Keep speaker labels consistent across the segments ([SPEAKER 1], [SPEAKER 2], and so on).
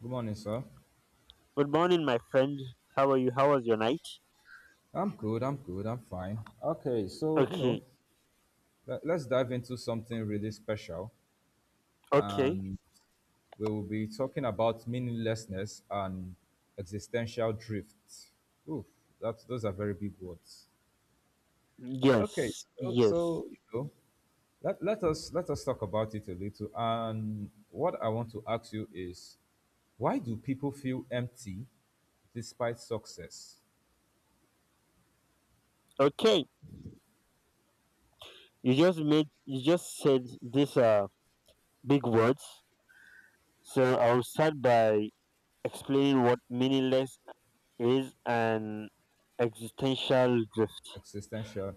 [SPEAKER 1] Good morning, sir.
[SPEAKER 2] Good morning, my friend. How are you? How was your night?
[SPEAKER 1] I'm good. I'm good. I'm fine. Okay, so you know,
[SPEAKER 2] Okay.
[SPEAKER 1] let's dive into something really special,
[SPEAKER 2] Okay.
[SPEAKER 1] and we will be talking about meaninglessness and existential drift. Ooh, that those are very big words. Okay,
[SPEAKER 2] Yes.
[SPEAKER 1] so,
[SPEAKER 2] Yes.
[SPEAKER 1] so you know, let us talk about it a little. And what I want to ask you is, why do people feel empty despite success?
[SPEAKER 2] Okay. You just said these big words. So I'll start by explaining what meaningless is and existential drift.
[SPEAKER 1] Existential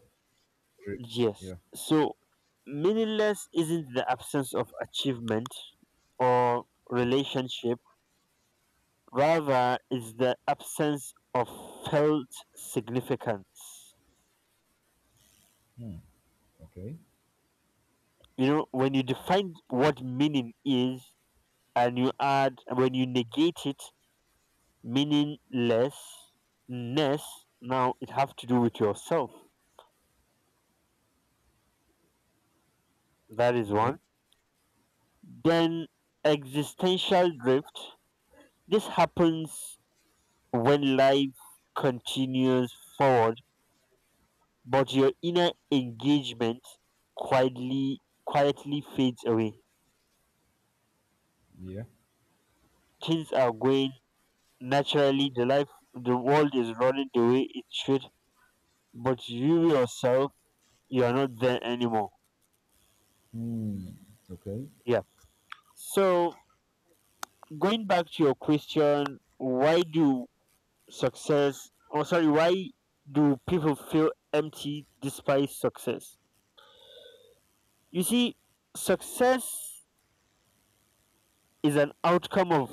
[SPEAKER 1] drift.
[SPEAKER 2] Yes.
[SPEAKER 1] Yeah.
[SPEAKER 2] So meaningless isn't the absence of achievement or
[SPEAKER 1] Okay.
[SPEAKER 2] relationship, rather it's the absence of felt significance.
[SPEAKER 1] Okay.
[SPEAKER 2] You know, when you define what meaning is and you add, when you negate it, meaninglessness. Now it have to do with yourself. That is
[SPEAKER 1] Okay.
[SPEAKER 2] one. Then existential drift. This happens when life continues forward, but your inner engagement quietly fades away.
[SPEAKER 1] Yeah.
[SPEAKER 2] Things are going naturally. The life, the world is running the way it should but you yourself, you are not there anymore.
[SPEAKER 1] Okay.
[SPEAKER 2] Yeah. So going back to your question, why do success, or sorry, why do people feel empty despite success? You see, success is an outcome of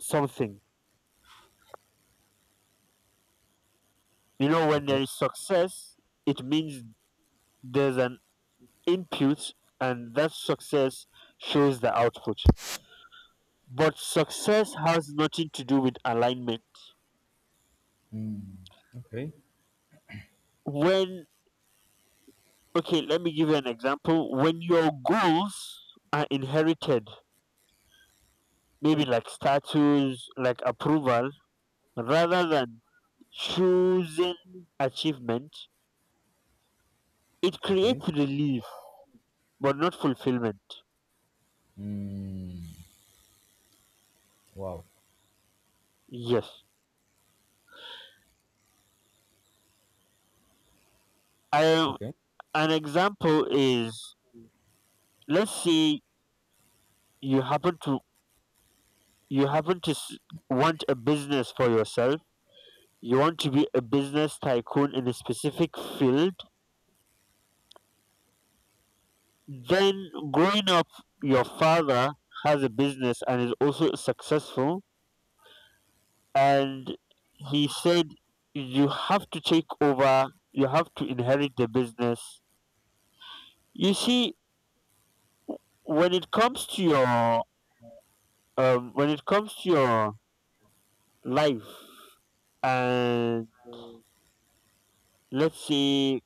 [SPEAKER 2] something. You know, when
[SPEAKER 1] Okay.
[SPEAKER 2] there is success, it means there's an input, and that success shows the output. But success has nothing to do with alignment.
[SPEAKER 1] Okay.
[SPEAKER 2] When Okay, let me give you an example. When your goals are inherited, maybe like status, like approval, rather than choosing achievement, it
[SPEAKER 1] Okay.
[SPEAKER 2] creates relief but not fulfillment.
[SPEAKER 1] Mm, wow.
[SPEAKER 2] Yes. I,
[SPEAKER 1] Okay.
[SPEAKER 2] an example is let's say you happen to you happen to want a business for yourself. You want to be a business tycoon in a specific field. Then, growing up, your father has a business and is also successful, and he said you have to take over, you have to inherit the business. You see, when it comes to your when it comes to your life and let's say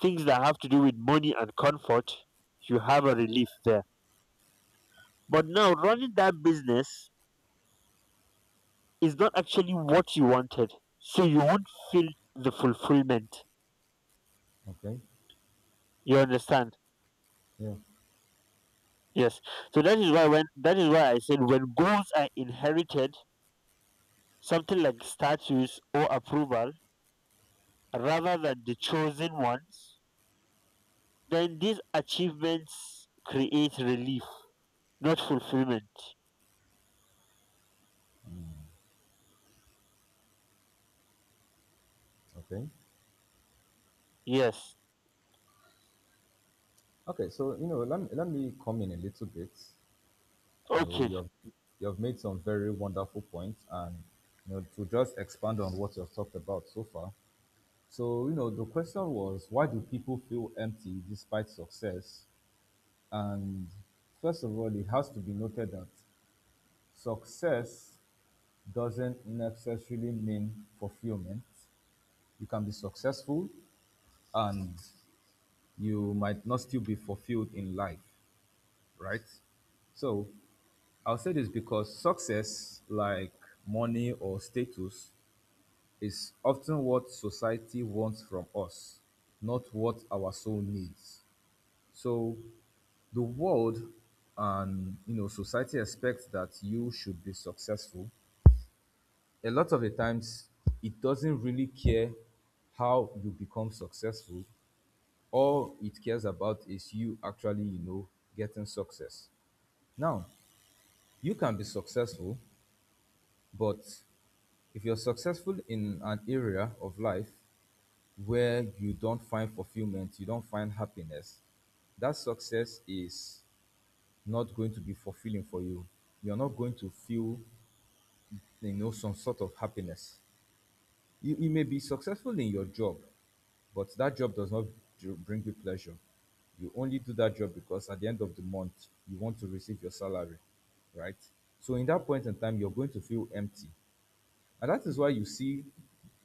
[SPEAKER 2] things that have to do with money and comfort, you have a relief there. But now running that business is not actually what you wanted. So you won't feel the fulfillment.
[SPEAKER 1] Okay.
[SPEAKER 2] You understand?
[SPEAKER 1] Yeah.
[SPEAKER 2] Yes. So that is why I said when goals are inherited, something like status or approval, rather than the chosen ones, then these achievements create relief, not fulfillment.
[SPEAKER 1] Okay.
[SPEAKER 2] Yes.
[SPEAKER 1] Okay. So you know, let me come in a little bit. You know,
[SPEAKER 2] Okay.
[SPEAKER 1] you have made some very wonderful points, and you know, to just expand on what you've talked about so far. So you know, the question was, why do people feel empty despite success? And first of all, it has to be noted that success doesn't necessarily mean fulfillment. You can be successful and you might not still be fulfilled in life, right? So I'll say this because success, like money or status, is often what society wants from us, not what our soul needs. So the world and you know society expects that you should be successful. A lot of the times, it doesn't really care how you become successful. All it cares about is you actually, you know, getting success. Now, you can be successful, but if you're successful in an area of life where you don't find fulfillment, you don't find happiness, that success is not going to be fulfilling for you. You're not going to feel, you know, some sort of happiness. You may be successful in your job, but that job does not bring you pleasure. You only do that job because at the end of the month, you want to receive your salary, right? So, in that point in time, you're going to feel empty. And that is why you see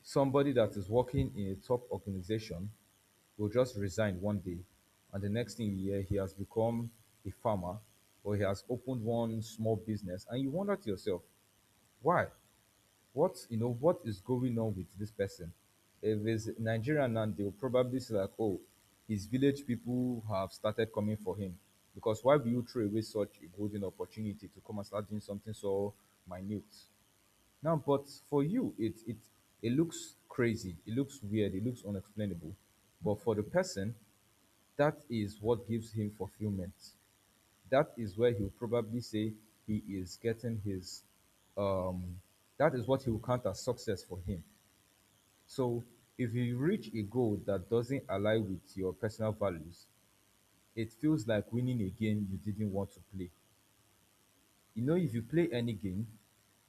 [SPEAKER 1] somebody that is working in a top organization will just resign one day, and the next thing you hear, he has become a farmer, or he has opened one small business, and you wonder to yourself, why, what, you know, what is going on with this person? If it's Nigerian, and they'll probably say like, oh, his village people have started coming for him, because why will you throw away such a golden opportunity to come and start doing something so minute. Now, but for you, it looks crazy, it looks weird, it looks unexplainable. But for the person, that is what gives him fulfillment. That is where he'll probably say he is getting his um that is what he will count as success for him. So if you reach a goal that doesn't align with your personal values, it feels like winning a game you didn't want to play. You know, if you play any game,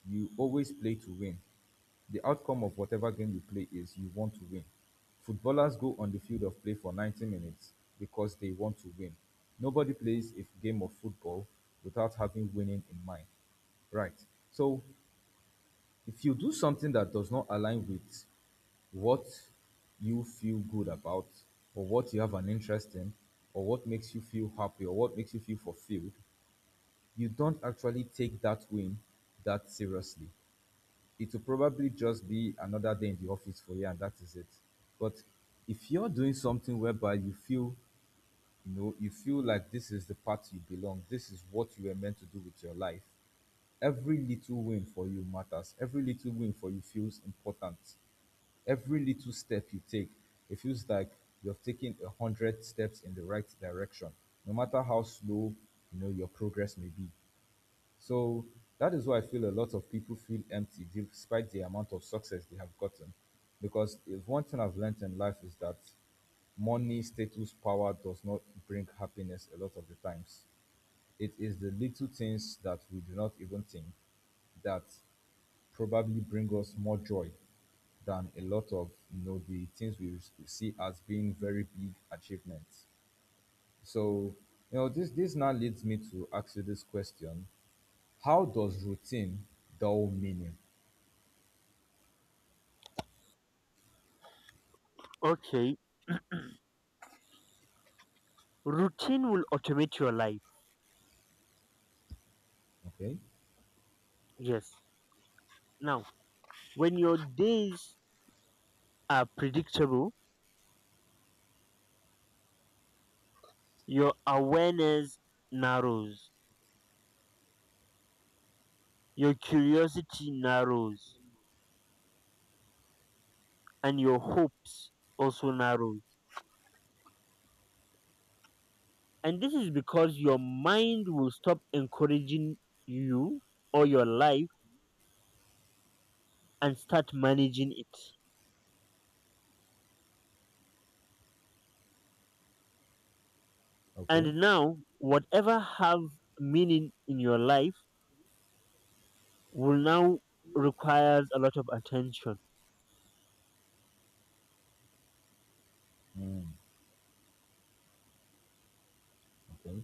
[SPEAKER 1] you always play to win. The outcome of whatever game you play is you want to win. Footballers go on the field of play for 90 minutes because they want to win. Nobody plays a game of football without having winning in mind. Right. So if you do something that does not align with what you feel good about, or what you have an interest in, or what makes you feel happy, or what makes you feel fulfilled, you don't actually take that win that seriously. It will probably just be another day in the office for you, and that is it. But if you're doing something whereby you feel, you know, you feel like this is the path you belong, this is what you were meant to do with your life. Every little win for you matters. Every little win for you feels important. Every little step you take, it feels like you have taken 100 steps in the right direction, no matter how slow, you know, your progress may be. So that is why I feel a lot of people feel empty despite the amount of success they have gotten. Because if one thing I've learned in life is that money, status, power does not bring happiness a lot of the times. It is the little things that we do not even think that probably bring us more joy than a lot of, you know, the things we see as being very big achievements. So you know, this now leads me to ask you this question: how does routine dull meaning?
[SPEAKER 2] Okay. Routine will automate your life.
[SPEAKER 1] Okay,
[SPEAKER 2] Yes. Now, when your days are predictable, your awareness narrows, your curiosity narrows, and your hopes also narrows. And this is because your mind will stop encouraging you or your life and start managing it.
[SPEAKER 1] okay,
[SPEAKER 2] And now, whatever have meaning in your life will now requires a lot of attention.
[SPEAKER 1] okay,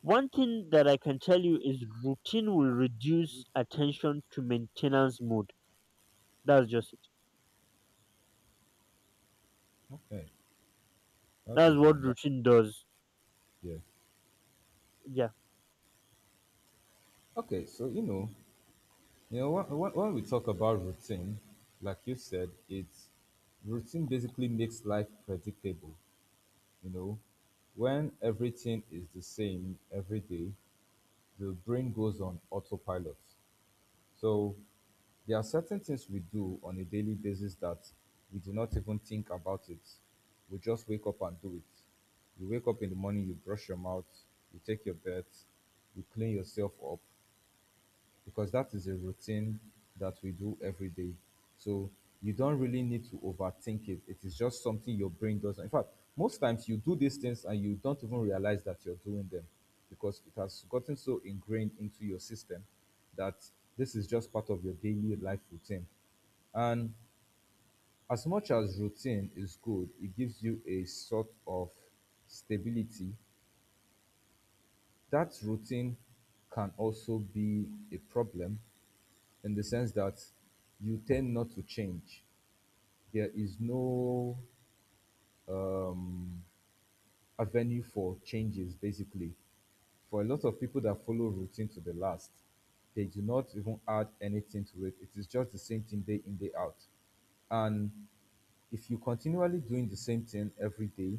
[SPEAKER 2] One thing that I can tell you is routine will reduce attention to maintenance mode. That's just it.
[SPEAKER 1] okay. That
[SPEAKER 2] That's
[SPEAKER 1] is
[SPEAKER 2] what
[SPEAKER 1] um, that,
[SPEAKER 2] routine does.
[SPEAKER 1] yeah.
[SPEAKER 2] Yeah.
[SPEAKER 1] Okay, so you know, when we talk about routine, like you said, it's routine basically makes life predictable. You know, when everything is the same every day, the brain goes on autopilot. So there are certain things we do on a daily basis that we do not even think about it. We just wake up and do it. You wake up in the morning, you brush your mouth, you take your bath, you clean yourself up, because that is a routine that we do every day. So you don't really need to overthink it. It is just something your brain does. In fact, most times you do these things and you don't even realize that you're doing them because it has gotten so ingrained into your system that this is just part of your daily life routine. And as much as routine is good, it gives you a sort of stability. That routine can also be a problem in the sense that you tend not to change. There is no avenue for changes, basically. For a lot of people that follow routine to the last, they do not even add anything to it. It is just the same thing day in, day out. And if you continually doing the same thing every day,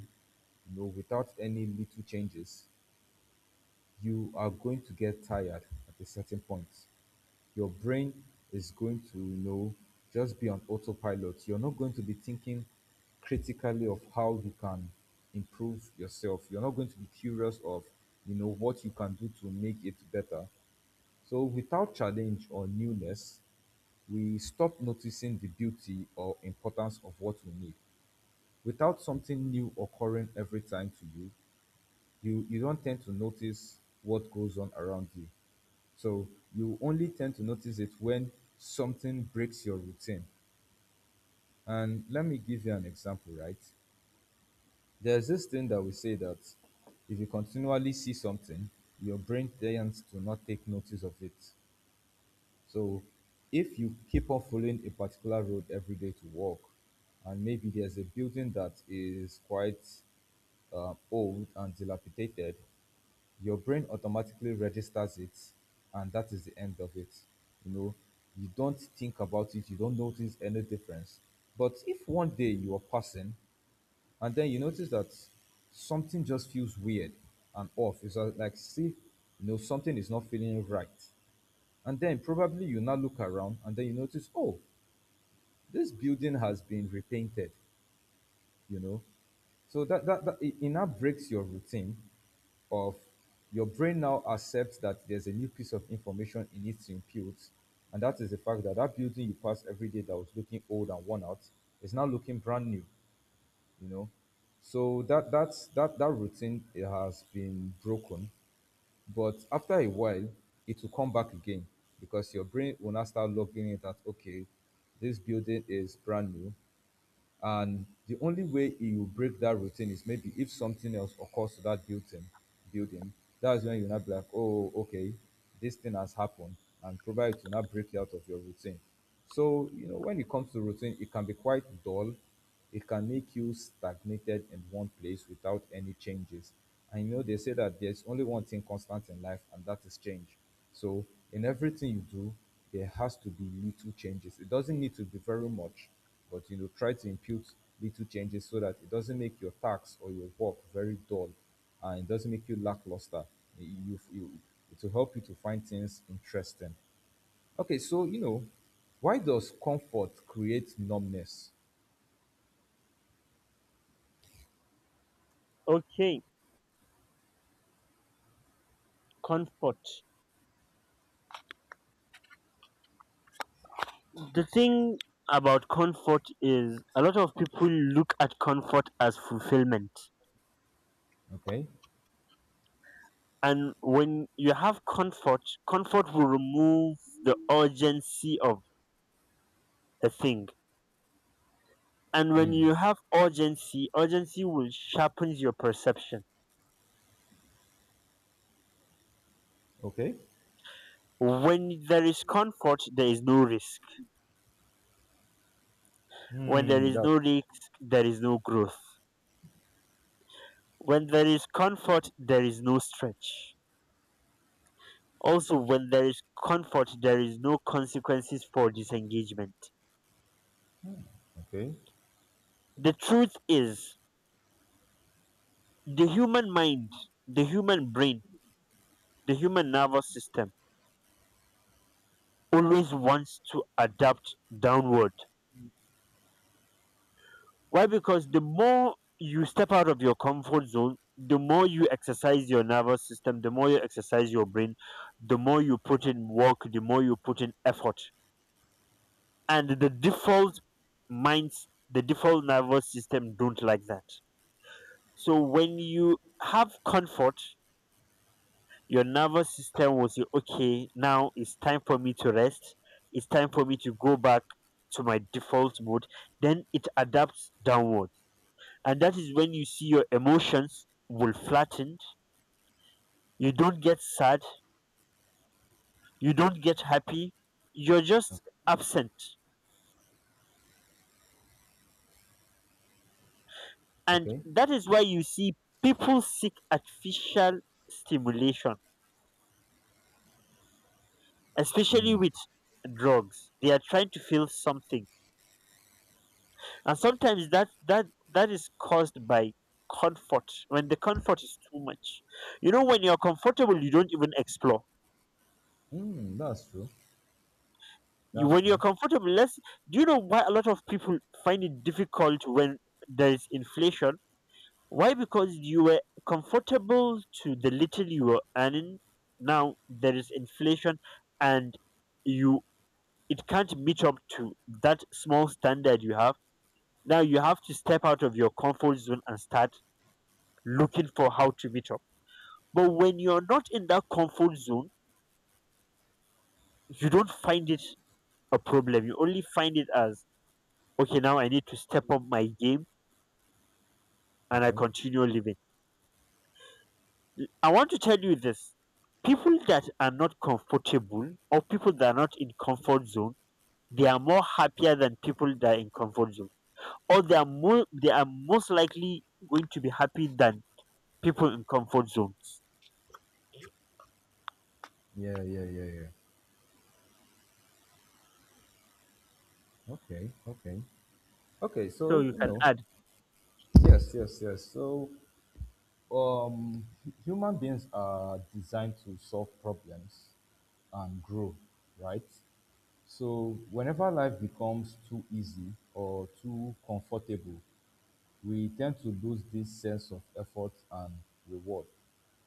[SPEAKER 1] you know, without any little changes, you are going to get tired at a certain point. Your brain is going to, you know, just be on autopilot. You're not going to be thinking critically of how you can improve yourself. You're not going to be curious of, you know, what you can do to make it better. So without challenge or newness, we stop noticing the beauty or importance of what we need. Without something new occurring every time to you, you don't tend to notice what goes on around you. So you only tend to notice it when something breaks your routine. And let me give you an example, right? There's this thing that we say that if you continually see something, your brain tends to not take notice of it. So if you keep on following a particular road every day to work, and maybe there's a building that is quite old and dilapidated, your brain automatically registers it, and that is the end of it. You know, you don't think about it, you don't notice any difference. But if one day you are passing and then you notice that something just feels weird and off, it's like, see, you know, something is not feeling right. And then probably you now look around, and then you notice, oh, this building has been repainted. You know, so it now breaks your routine of your brain now accepts that there's a new piece of information it needs to impute. And that is the fact that that building you pass every day that was looking old and worn out is now looking brand new. You know, so that that's that that routine, it has been broken. But after a while, it will come back again, because your brain will now start logging in that, okay, this building is brand new. And the only way he will break that routine is maybe if something else occurs to that building. Building. That's when you now be like, oh, okay, this thing has happened, and probably it will not break you out of your routine. So you know, when it comes to routine, it can be quite dull, it can make you stagnated in one place without any changes. And you know, they say that there's only one thing constant in life, and that is change. So, in everything you do, there has to be little changes. It doesn't need to be very much, but you know, try to impute little changes so that it doesn't make your tax or your work very dull, and it doesn't make you lackluster. You, you, it will help you to find things interesting. Okay, so you know, why does comfort create numbness?
[SPEAKER 2] Okay. Comfort. The thing about comfort is a lot of people look at comfort as fulfillment.
[SPEAKER 1] Okay,
[SPEAKER 2] And when you have comfort, comfort will remove the urgency of the thing. And when you have urgency, urgency will sharpen your perception.
[SPEAKER 1] okay.
[SPEAKER 2] When there is comfort, there is no risk. When there
[SPEAKER 1] Hmm.
[SPEAKER 2] is
[SPEAKER 1] That's
[SPEAKER 2] no risk, there is no growth. When there is comfort, there is no stretch. Also, when there is comfort, there is no consequences for disengagement.
[SPEAKER 1] okay.
[SPEAKER 2] The truth is, the human mind, the human brain, the human nervous system always wants to adapt downward. Why? Because the more you step out of your comfort zone, the more you exercise your nervous system, the more you exercise your brain, the more you put in work, the more you put in effort. And the default minds, the default nervous system don't like that. So when you have comfort, your nervous system will say, okay, now it's time for me to rest. It's time for me to go back to my default mode. Then it adapts downward. And that is when you see your emotions will flatten. You don't get sad. You don't get happy. You're just
[SPEAKER 1] Okay.
[SPEAKER 2] absent. And
[SPEAKER 1] Okay.
[SPEAKER 2] that is why you see people seek artificial stimulation, especially with drugs. They are trying to feel something and sometimes that is caused by comfort when the comfort is too much. You know, when you're comfortable you don't even explore,
[SPEAKER 1] Hmm. That's true.
[SPEAKER 2] you,
[SPEAKER 1] That's
[SPEAKER 2] when you're
[SPEAKER 1] true.
[SPEAKER 2] comfortable let's, do you know why a lot of people find it difficult when there is inflation? Why? Because you were comfortable to the little you were earning, now there is inflation and you, it can't meet up to that small standard you have. Now you have to step out of your comfort zone and start looking for how to meet up. But when you're not in that comfort zone, you don't find it a problem. You only find it as, okay, now I need to step up my game and I
[SPEAKER 1] Okay.
[SPEAKER 2] continue living. I want to tell you this, people that are not comfortable or people that are not in comfort zone, they are more happier than people that are in comfort zone. Or they are more, they are most likely going to be happy than people in comfort zones.
[SPEAKER 1] Yeah. Yeah. Yeah. Yeah. Okay. Okay. Okay.
[SPEAKER 2] So
[SPEAKER 1] So
[SPEAKER 2] you
[SPEAKER 1] you
[SPEAKER 2] can
[SPEAKER 1] know.
[SPEAKER 2] add.
[SPEAKER 1] Yes. Yes. Yes. So um, human beings are designed to solve problems and grow, right? So whenever life becomes too easy or too comfortable, we tend to lose this sense of effort and reward.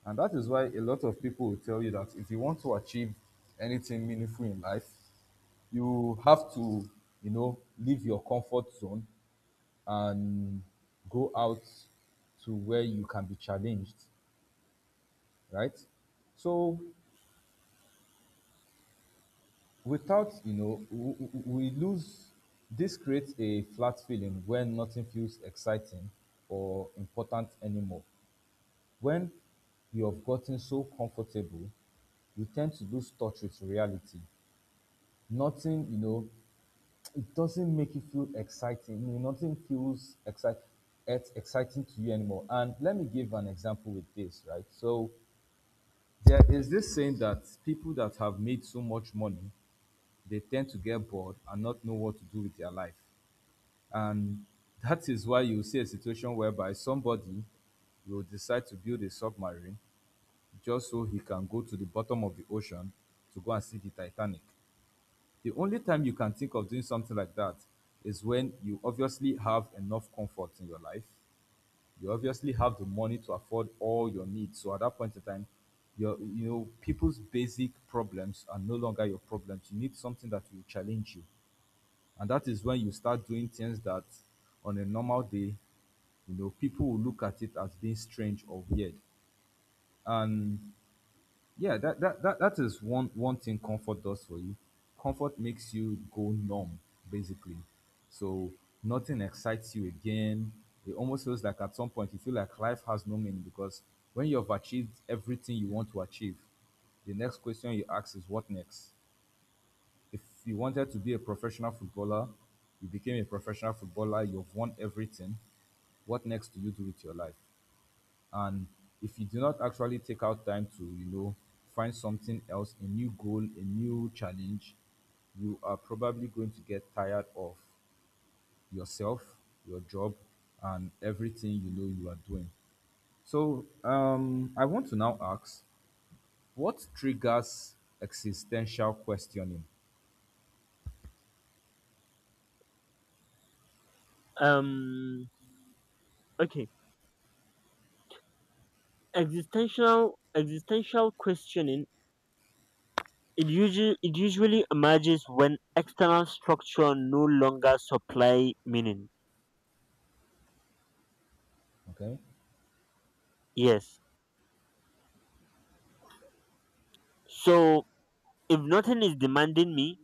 [SPEAKER 1] And that is why a lot of people will tell you that if you want to achieve anything meaningful in life, you have to, leave your comfort zone and go out to where you can be challenged, right? So without, you know, w- w- we lose, this creates a flat feeling when nothing feels exciting or important anymore. When you have gotten so comfortable, you tend to lose touch with reality. Nothing, you know, it doesn't make you feel exciting. You know, nothing feels exciting It's exciting to you anymore. And let me give an example with this, right? So there is this saying that people that have made so much money, they tend to get bored and not know what to do with their life. And that is why you see a situation whereby somebody will decide to build a submarine just so he can go to the bottom of the ocean to go and see the Titanic. The only time you can think of doing something like that is when you obviously have enough comfort in your life. You obviously have the money to afford all your needs. So at that point in time, your you know people's basic problems are no longer your problems. You need something that will challenge you, and that is when you start doing things that on a normal day people will look at it as being strange or weird. Yeah, that is one thing comfort does for you. Comfort makes you go numb, basically. So nothing excites you again. It almost feels like at some point you feel like life has no meaning because when you've achieved everything you want to achieve, the next question you ask is what next? If you wanted to be a professional footballer, you became a professional footballer, you've won everything, what next do you do with your life? And if you do not actually take out time to find something else, a new goal, a new challenge, you are probably going to get tired of yourself, your job, and everything you are doing. So I want to now ask, what triggers existential questioning?
[SPEAKER 2] Um okay. Existential questioning, it usually emerges when external structure no longer supply meaning.
[SPEAKER 1] Okay.
[SPEAKER 2] Yes. So if nothing is demanding me,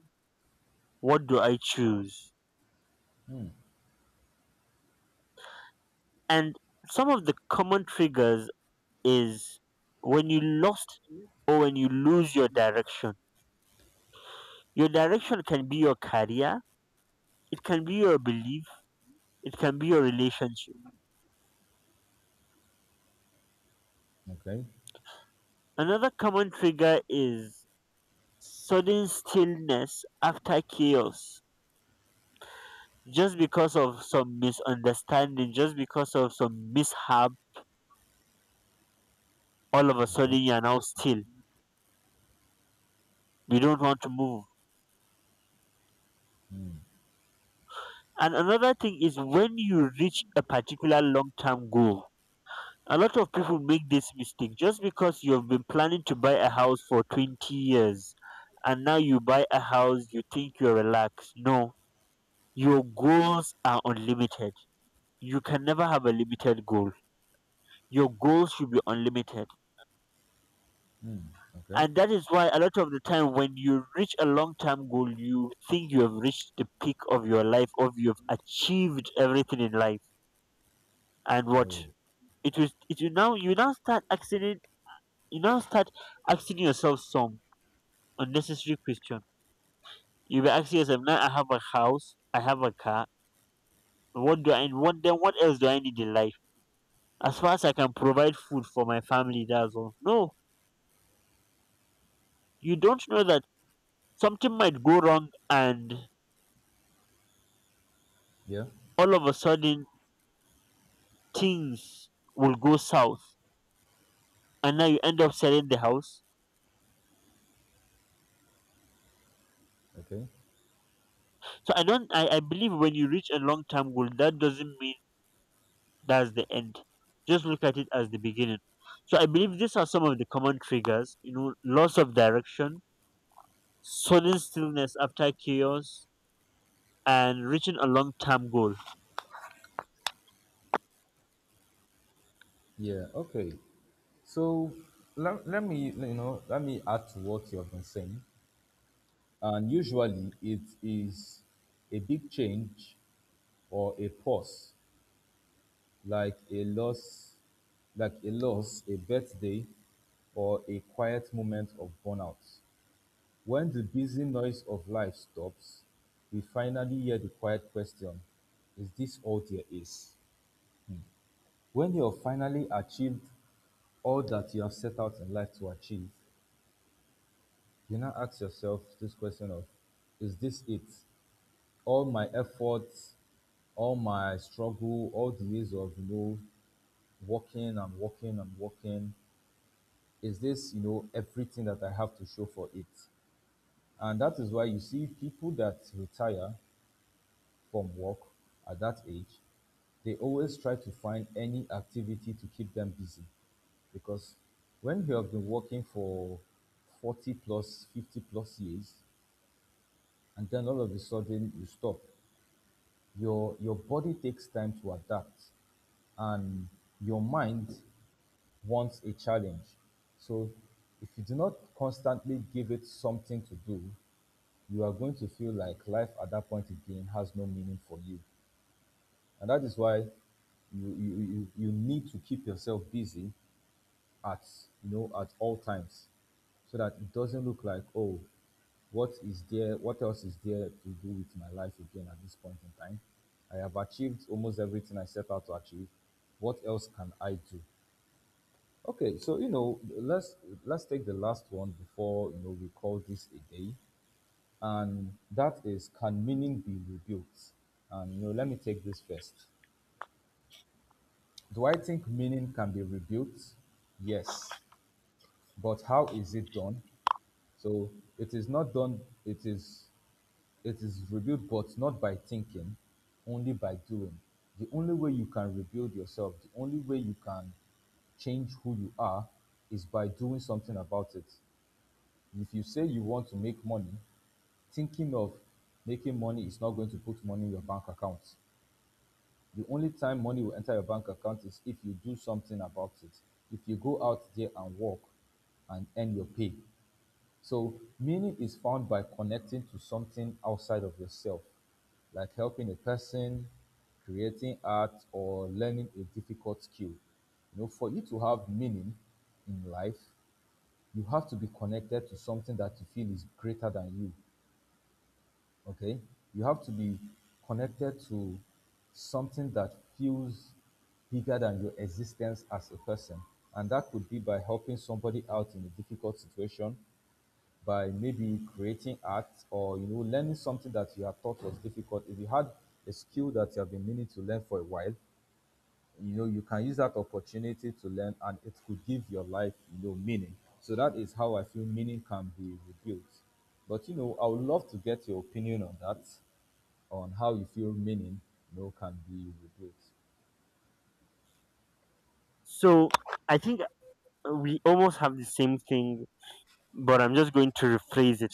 [SPEAKER 2] what do I choose? And some of the common triggers is when you lost or when you lose your direction. Your direction can be your career, it can be your belief, it can be your relationship.
[SPEAKER 1] Okay.
[SPEAKER 2] Another common trigger is sudden stillness after chaos, just because of some misunderstanding, just because of some mishap, all of a
[SPEAKER 1] Okay.
[SPEAKER 2] sudden you're now still, you don't want to move. And another thing is when you reach a particular long-term goal. A lot of people make this mistake, just because you've been planning to buy a house for 20 years and now you buy a house you think you're relaxed. No, your goals are unlimited. You can never have a limited goal. Your goals should be unlimited.
[SPEAKER 1] Okay.
[SPEAKER 2] And that is why a lot of the time when you reach a long term goal, you think you have reached the peak of your life or you've achieved everything in life. And
[SPEAKER 1] Oh.
[SPEAKER 2] what it was it you now start you now start asking yourself some unnecessary question. You be asking yourself, now I have a house, I have a car, what else do I need in life? As far as I can provide food for my family, that's all. No. You don't know that something might go wrong and
[SPEAKER 1] Yeah.
[SPEAKER 2] all of a sudden things will go south and now you end up selling the house.
[SPEAKER 1] Okay.
[SPEAKER 2] So I don't I believe when you reach a long term goal that doesn't mean that's the end. Just look at it as the beginning. So I believe these are some of the common triggers, you know, loss of direction, sudden stillness after chaos, and reaching a long term goal.
[SPEAKER 1] Yeah. Okay. So let me let me add to what you have been saying. And usually it is a big change or a pause, like a loss, a birthday, or a quiet moment of burnout. When the busy noise of life stops, we finally hear the quiet question, is this all there is? When you have finally achieved all that you have set out in life to achieve, you now ask yourself this question of, is this it? All my efforts, all my struggle, all the ways of working and working and working, is this everything that I have to show for it? And that is why you see people that retire from work at that age, they always try to find any activity to keep them busy because when you have been working for 40 plus 50 plus years and then all of a sudden you stop, your body takes time to adapt, and your mind wants a challenge. So if you do not constantly give it something to do, you are going to feel like life at that point again has no meaning for you. And that is why you need to keep yourself busy at at all times so that it doesn't look like, oh, what is there, what else is there to do with my life again at this point in time? I have achieved almost everything I set out to achieve, what else can I do? Okay, so let's take the last one before we call this a day, and that is, can meaning be rebuilt? And let me take this first. Do I think meaning can be rebuilt? Yes, but how is it done? So it is not done. It is rebuilt, but not by thinking, only by doing. The only way you can rebuild yourself, the only way you can change who you are is by doing something about it. If you say you want to make money, thinking of making money is not going to put money in your bank account. The only time money will enter your bank account is if you do something about it. If you go out there and work and earn your pay. So, meaning is found by connecting to something outside of yourself, like helping a person, creating art, or learning a difficult skill. You know, for you to have meaning in life, you have to be connected to something that you feel is greater than you. Okay, you have to be connected to something that feels bigger than your existence as a person, and that could be by helping somebody out in a difficult situation, by maybe creating art, or learning something that you have thought was difficult. If you had a skill that you have been meaning to learn for a while, you can use that opportunity to learn, and it could give your life meaning so that is how I feel meaning can be rebuilt, but I would love to get your opinion on that, on how you feel meaning, can be replaced.
[SPEAKER 2] So I think we almost have the same thing, but I'm just going to rephrase it.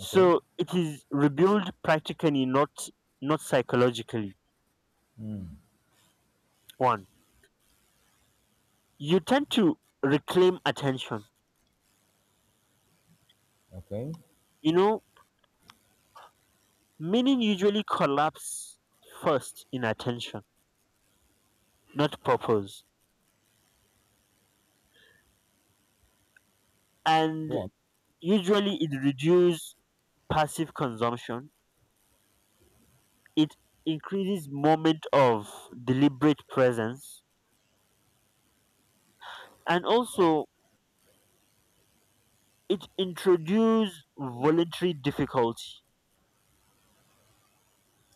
[SPEAKER 1] Okay,
[SPEAKER 2] it is rebuilt practically, not not psychologically. One, you tend to reclaim attention.
[SPEAKER 1] okay,
[SPEAKER 2] You know, meaning usually collapse first in attention, not purpose. And
[SPEAKER 1] go on.
[SPEAKER 2] usually it reduces passive consumption, it increases moment of deliberate presence, and also it introduces voluntary difficulty.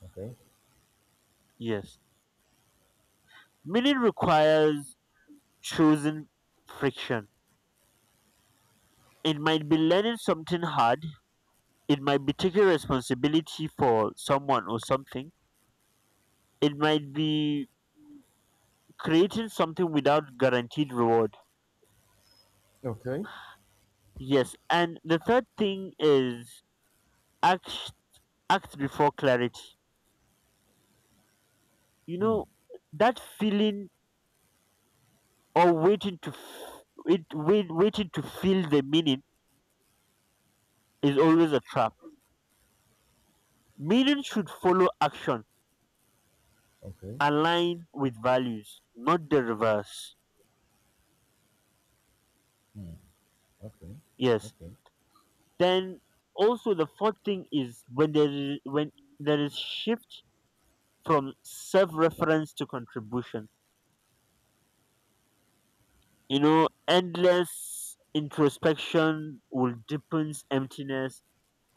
[SPEAKER 1] Okay,
[SPEAKER 2] Yes, meaning requires chosen friction. It might be learning something hard, it might be taking responsibility for someone or something, it might be creating something without guaranteed reward.
[SPEAKER 1] okay.
[SPEAKER 2] Yes, and the third thing is act, act before clarity. You
[SPEAKER 1] Hmm.
[SPEAKER 2] know, that feeling or waiting to f- wait, wait, waiting to feel the meaning is always a trap. Meaning should follow action,
[SPEAKER 1] Okay,
[SPEAKER 2] align with values, not the reverse.
[SPEAKER 1] okay,
[SPEAKER 2] Yes.
[SPEAKER 1] okay,
[SPEAKER 2] Then also the fourth thing is when there is shift from self-reference to contribution. You know, endless introspection will deepen emptiness.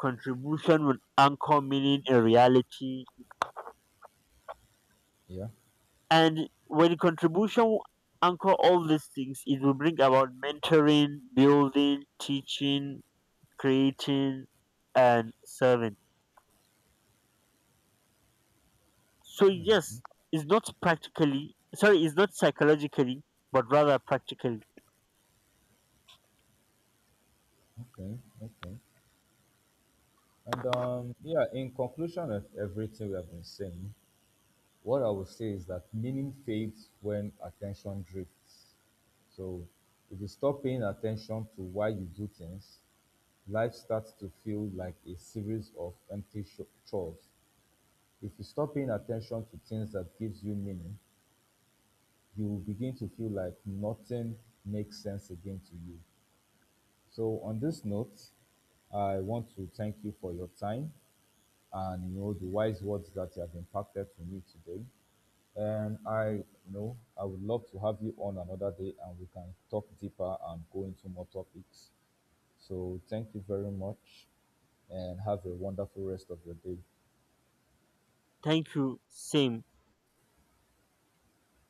[SPEAKER 2] Contribution will anchor meaning in reality,
[SPEAKER 1] yeah,
[SPEAKER 2] and when contribution anchor all these things, it will bring about mentoring, building, teaching, creating, and serving. So yes, it's not psychologically, but rather practically.
[SPEAKER 1] okay, okay. And yeah, in conclusion of everything we have been saying, what I would say is that meaning fades when attention drifts. So if you stop paying attention to why you do things, life starts to feel like a series of empty chores. If you stop paying attention to things that gives you meaning, you will begin to feel like nothing makes sense again to you. So on this note, I want to thank you for your time and the wise words that you have impacted to me today. And I you know I would love to have you on another day and we can talk deeper and go into more topics. So thank you very much and have a wonderful rest of your day.
[SPEAKER 2] Thank you. Same.